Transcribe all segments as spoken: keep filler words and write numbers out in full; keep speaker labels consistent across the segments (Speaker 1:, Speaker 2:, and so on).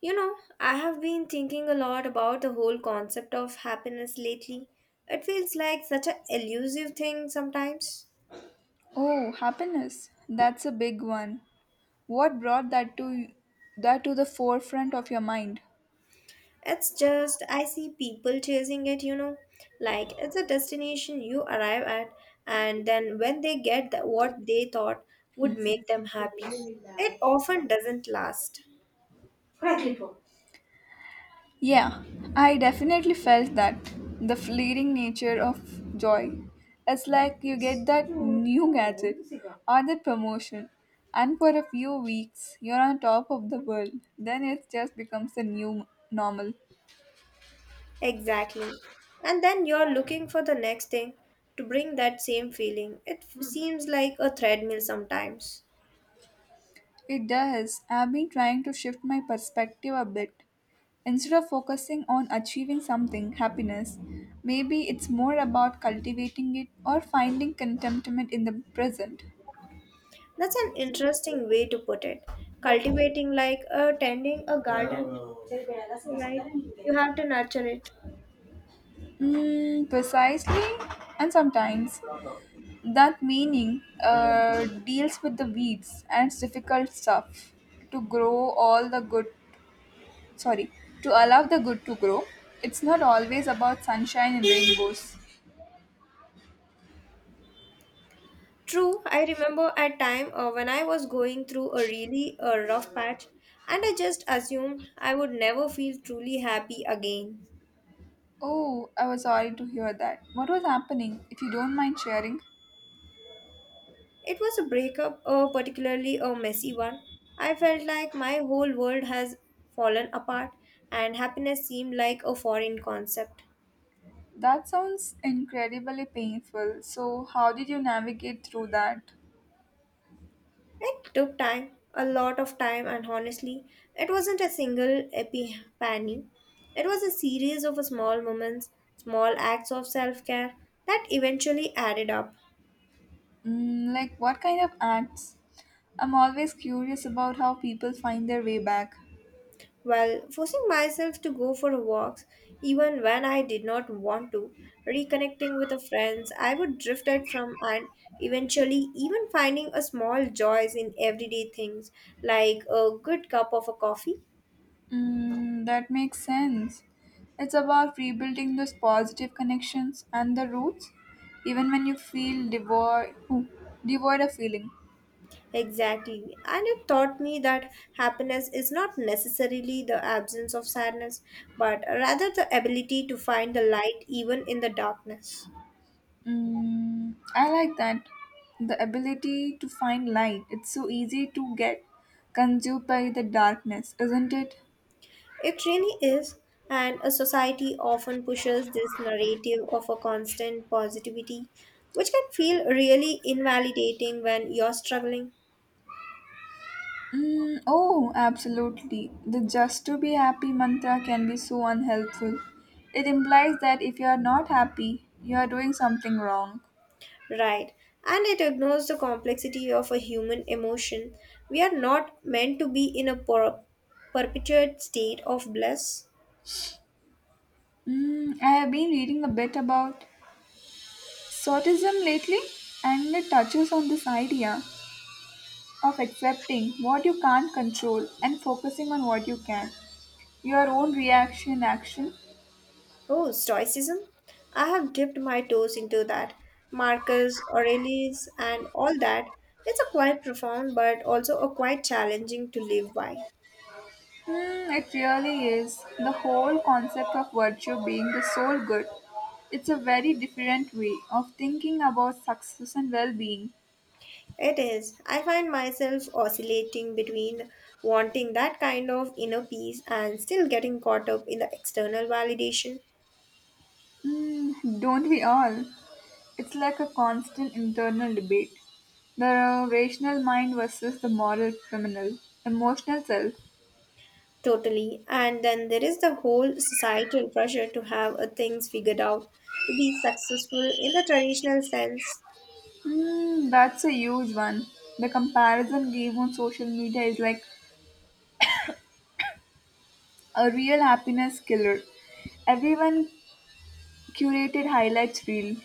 Speaker 1: You know, I have been thinking a lot about the whole concept of happiness lately. It feels like such an elusive thing sometimes.
Speaker 2: Oh, happiness. That's a big one. What brought that to that to the forefront of your mind?
Speaker 1: It's just, I see people chasing it, you know, like it's a destination you arrive at, and then when they get the, what they thought would make them happy, it often doesn't last.
Speaker 2: Yeah, I definitely felt that. The fleeting nature of joy. It's like you get that new gadget or that promotion, and for a few weeks you're on top of the world. Then it just becomes the new normal.
Speaker 1: Exactly. And then you're looking for the next thing to bring that same feeling. It f- seems like a treadmill sometimes.
Speaker 2: It does. I've been trying to shift my perspective a bit. Instead of focusing on achieving something, happiness, maybe it's more about cultivating it or finding contentment in the present.
Speaker 1: That's an interesting way to put it. Cultivating like uh, tending a garden, right? You have to nurture it.
Speaker 2: Mm, precisely, and sometimes that meaning uh, deals with the weeds and it's difficult stuff to grow all the good. Sorry, to allow the good to grow. It's not always about sunshine and rainbows.
Speaker 1: True, I remember at time uh, when I was going through a really uh, rough patch and I just assumed I would never feel truly happy again.
Speaker 2: Oh, I was sorry to hear that. What was happening, if you don't mind sharing?
Speaker 1: It was a breakup, uh, particularly a messy one. I felt like my whole world has fallen apart and happiness seemed like a foreign concept.
Speaker 2: That sounds incredibly painful. So, how did you navigate through that?
Speaker 1: It took time, a lot of time, and honestly, it wasn't a single epiphany. It was a series of small moments, small acts of self care that eventually added up.
Speaker 2: Mm, like, what kind of acts? I'm always curious about how people find their way back.
Speaker 1: Well, forcing myself to go for walks, even when I did not want to, reconnecting with the friends, I would drift out from and eventually even finding a small joys in everyday things like a good cup of a coffee.
Speaker 2: Mm, that makes sense. It's about rebuilding those positive connections and the roots, even when you feel devoid, ooh, devoid of feeling.
Speaker 1: Exactly. And it taught me that happiness is not necessarily the absence of sadness, but rather the ability to find the light even in the darkness.
Speaker 2: Mm, I like that. The ability to find light. It's so easy to get consumed by the darkness, isn't it?
Speaker 1: It really is. And a society often pushes this narrative of a constant positivity, which can feel really invalidating when you're struggling.
Speaker 2: Mm, oh, absolutely. The just to be happy mantra can be so unhelpful. It implies that if you are not happy, you are doing something wrong.
Speaker 1: Right. And it ignores the complexity of a human emotion. We are not meant to be in a per- perpetuate state of bliss.
Speaker 2: Mm, I have been reading a bit about sortism lately, and it touches on this idea of accepting what you can't control and focusing on what you can. Your own reaction action?
Speaker 1: Oh, Stoicism? I have dipped my toes into that. Marcus Aurelius and all that. It's a quite profound but also a quite challenging to live by.
Speaker 2: Hmm, it really is. The whole concept of virtue being the sole good. It's a very different way of thinking about success and well being.
Speaker 1: It is. I find myself oscillating between wanting that kind of inner peace and still getting caught up in the external validation.
Speaker 2: Hmm, don't we all? It's like a constant internal debate. The rational mind versus the moral criminal, emotional self.
Speaker 1: Totally. And then there is the whole societal pressure to have uh, things figured out, to be successful in the traditional sense.
Speaker 2: Hmm, that's a huge one. The comparison game on social media is like a real happiness killer. Everyone curated highlights reel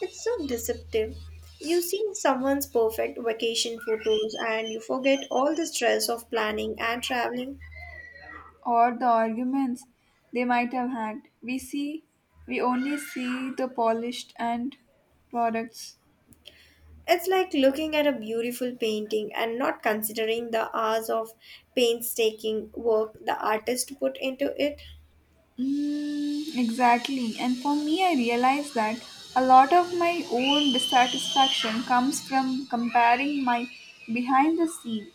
Speaker 1: It's so deceptive. You see someone's perfect vacation photos and you forget all the stress of planning and traveling.
Speaker 2: or the arguments they might have had. We see, we only see the polished and products.
Speaker 1: It's like looking at a beautiful painting and not considering the hours of painstaking work the artist put into it.
Speaker 2: Mm, exactly. And for me, I realized that a lot of my own dissatisfaction comes from comparing my behind the scene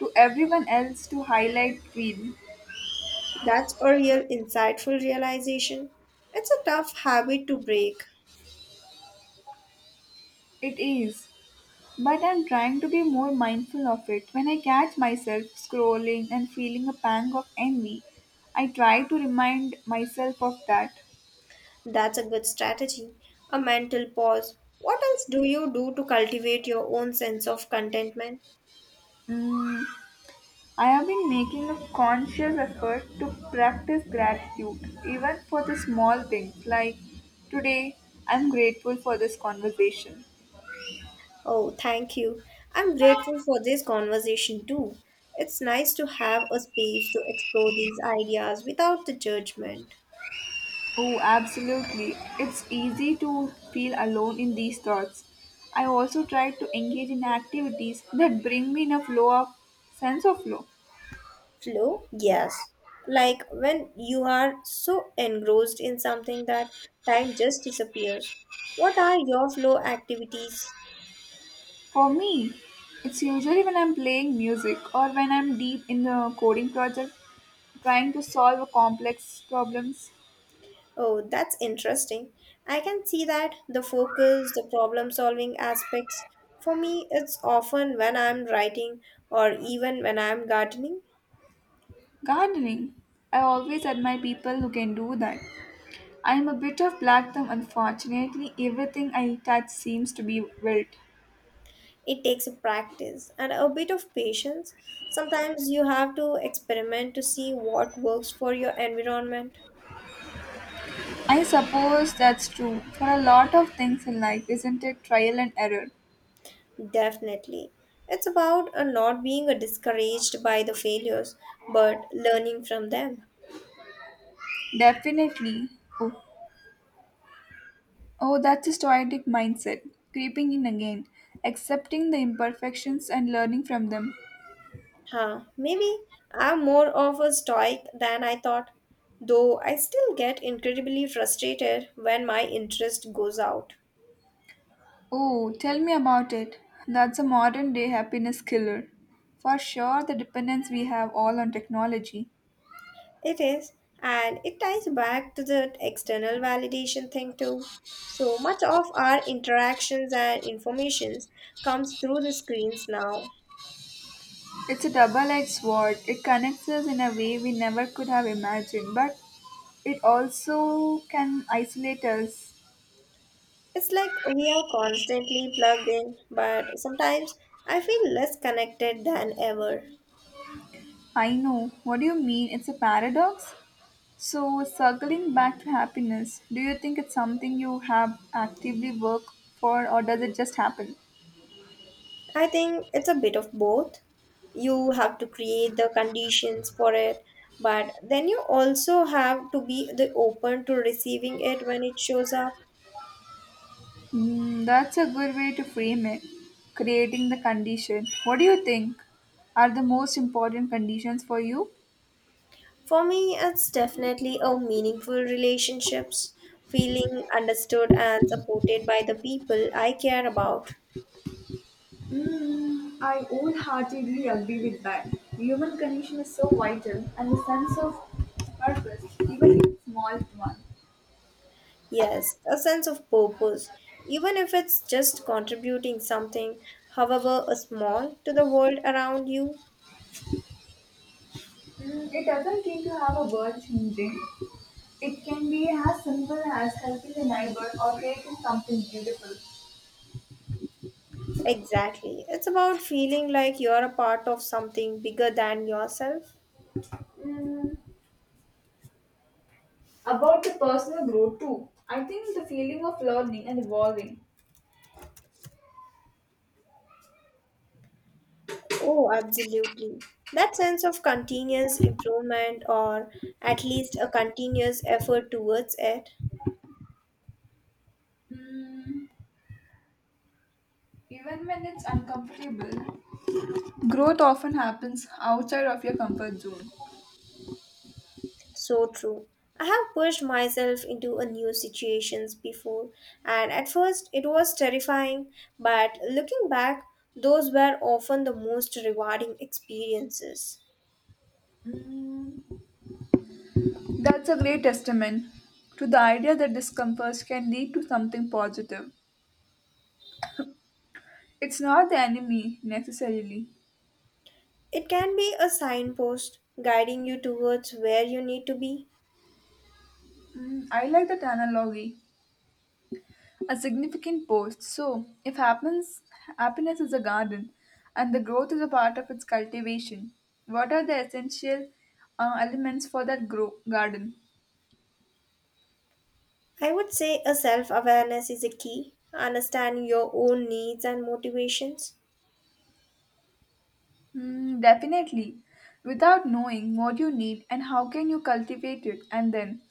Speaker 2: to everyone else to highlight reel.
Speaker 1: That's a real insightful realization. It's a tough habit to break.
Speaker 2: It is. But I'm trying to be more mindful of it. When I catch myself scrolling and feeling a pang of envy, I try to remind myself of that.
Speaker 1: That's a good strategy. A mental pause. What else do you do to cultivate your own sense of contentment?
Speaker 2: I have been making a conscious effort to practice gratitude, even for the small things like today I'm grateful for this conversation.
Speaker 1: Oh, thank you. I'm grateful for this conversation too. It's nice to have a space to explore these ideas without the judgment.
Speaker 2: Oh, absolutely. It's easy to feel alone in these thoughts. I also try to engage in activities that bring me in a flow of sense of flow.
Speaker 1: Flow? Yes. Like when you are so engrossed in something that time just disappears. What are your flow activities?
Speaker 2: For me, it's usually when I'm playing music or when I'm deep in a coding project trying to solve a complex problems.
Speaker 1: Oh, that's interesting. I can see that the focus, the problem solving aspects. For me, it's often when I'm writing or even when I'm gardening.
Speaker 2: Gardening, I always admire people who can do that. I'm a bit of black thumb, unfortunately, everything I touch seems to be wilt.
Speaker 1: It takes a practice and a bit of patience. Sometimes you have to experiment to see what works for your environment.
Speaker 2: I suppose that's true for a lot of things in life, isn't it? Trial and error.
Speaker 1: Definitely. It's about uh, not being uh, discouraged by the failures, but learning from them.
Speaker 2: Definitely. Oh, Oh, that's a stoic mindset, creeping in again, accepting the imperfections and learning from them.
Speaker 1: Huh, maybe I'm more of a stoic than I thought, though I still get incredibly frustrated when my interest goes out.
Speaker 2: Oh, tell me about it. That's a modern day happiness killer. For sure, the dependence we have all on technology.
Speaker 1: It is, and it ties back to the external validation thing too. So much of our interactions and informations comes through the screens now.
Speaker 2: It's a double edged sword. It connects us in a way we never could have imagined, but it also can isolate us.
Speaker 1: It's like we are constantly plugged in, but sometimes I feel less connected than ever.
Speaker 2: I know. What do you mean? It's a paradox? So, circling back to happiness, do you think it's something you have actively worked for, or does it just happen?
Speaker 1: I think it's a bit of both. You have to create the conditions for it, but then you also have to be the open to receiving it when it shows up.
Speaker 2: Mm, that's a good way to frame it. Creating the condition. What do you think are the most important conditions for you?
Speaker 1: For me, it's definitely a meaningful relationships, feeling understood and supported by the people I care about.
Speaker 2: Mm, I wholeheartedly agree with that. Human condition is so vital, and the sense of purpose, even in small one.
Speaker 1: Yes, a sense of purpose, even if it's just contributing something, however a small, to the world around you.
Speaker 2: Mm, it doesn't seem to have a world changing. It can be as simple as helping a neighbor or creating something beautiful.
Speaker 1: Exactly. It's about feeling like you're a part of something bigger than yourself.
Speaker 2: Mm, about the personal growth too. I think the feeling of learning and evolving.
Speaker 1: Oh, absolutely. That sense of continuous improvement or at least a continuous effort towards it.
Speaker 2: Mm, even when it's uncomfortable. Growth often happens outside of your comfort zone.
Speaker 1: So true. I have pushed myself into a new situations before and at first it was terrifying but looking back those were often the most rewarding experiences.
Speaker 2: Mm, that's a great testament to the idea that discomforts can lead to something positive. It's not the enemy necessarily.
Speaker 1: It can be a signpost guiding you towards where you need to be.
Speaker 2: Mm, I like that analogy. A significant post. So, if happens, happiness is a garden and the growth is a part of its cultivation, what are the essential uh, elements for that grow- garden?
Speaker 1: I would say a self-awareness is a key, understanding your own needs and motivations.
Speaker 2: Hmm, definitely. Without knowing what you need and how can you cultivate it, and then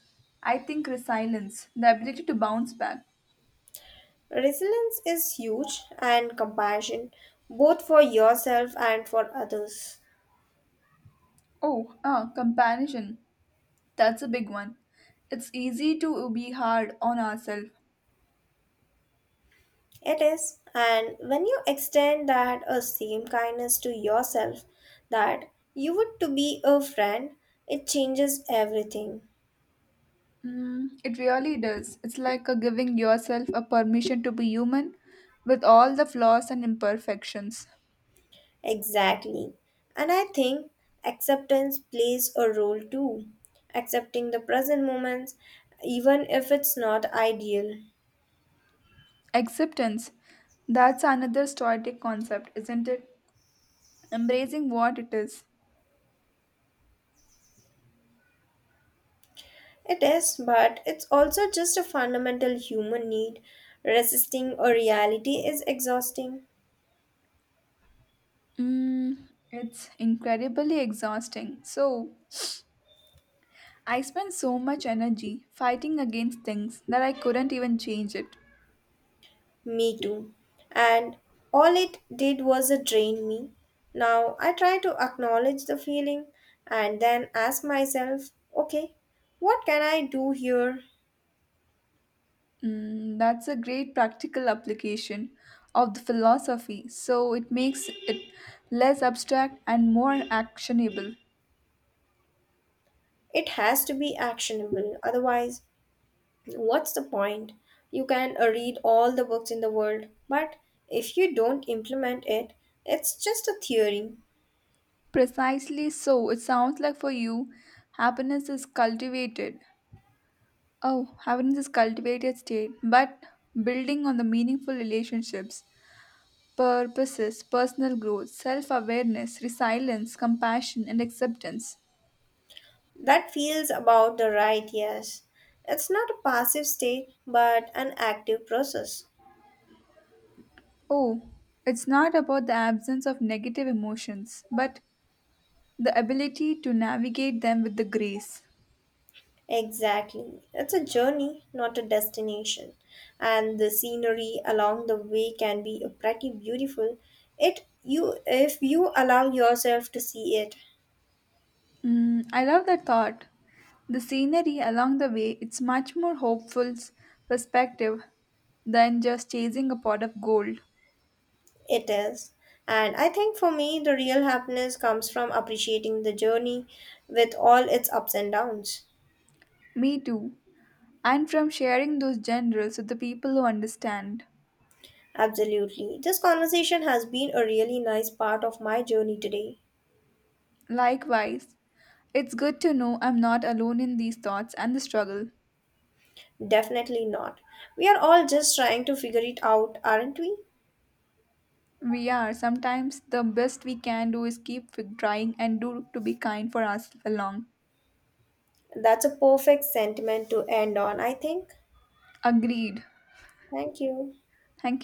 Speaker 2: I think resilience, the ability to bounce back.
Speaker 1: Resilience is huge and compassion both for yourself and for others.
Speaker 2: Oh, ah, comparison. That's a big one. It's easy to be hard on ourselves.
Speaker 1: It is, and when you extend that uh, same kindness to yourself that you would to be a friend, it changes everything.
Speaker 2: Mm, it really does. It's like a giving yourself a permission to be human with all the flaws and imperfections.
Speaker 1: Exactly. And I think acceptance plays a role too. Accepting the present moments, even if it's not ideal.
Speaker 2: Acceptance. That's another stoic concept, isn't it? Embracing what it is.
Speaker 1: It is, but it's also just a fundamental human need. Resisting a reality is exhausting.
Speaker 2: Mm, it's incredibly exhausting. So, I spent so much energy fighting against things that I couldn't even change it.
Speaker 1: Me too. And all it did was it drain me. Now I try to acknowledge the feeling and then ask myself, okay, what can I do here?
Speaker 2: Mm, that's a great practical application of the philosophy, so it makes it less abstract and more actionable.
Speaker 1: It has to be actionable. Otherwise, what's the point? You can uh, read all the books in the world, but if you don't implement it, it's just a theory.
Speaker 2: Precisely so, it sounds like for you, happiness is cultivated. Oh, happiness is cultivated state, but building on the meaningful relationships, purposes, personal growth, self awareness, resilience, compassion, and acceptance.
Speaker 1: That feels about the right, yes. It's not a passive state, but an active process.
Speaker 2: Oh, it's not about the absence of negative emotions, but the ability to navigate them with the grace.
Speaker 1: Exactly. It's a journey, not a destination. And the scenery along the way can be pretty beautiful. It you if you allow yourself to see it,
Speaker 2: Mm, I love that thought. The scenery along the way, it's much more hopeful perspective than just chasing a pot of gold.
Speaker 1: it is. And I think for me the real happiness comes from appreciating the journey with all its ups and downs.
Speaker 2: Me too. And from sharing those generals with the people who understand.
Speaker 1: Absolutely. This conversation has been a really nice part of my journey today.
Speaker 2: Likewise, it's good to know I'm not alone in these thoughts and the struggle.
Speaker 1: Definitely not. We are all just trying to figure it out, aren't we?
Speaker 2: We are. Sometimes the best we can do is keep trying and do to be kind for us along.
Speaker 1: That's a perfect sentiment to end on, I think.
Speaker 2: Agreed.
Speaker 1: Thank you.
Speaker 2: Thank you.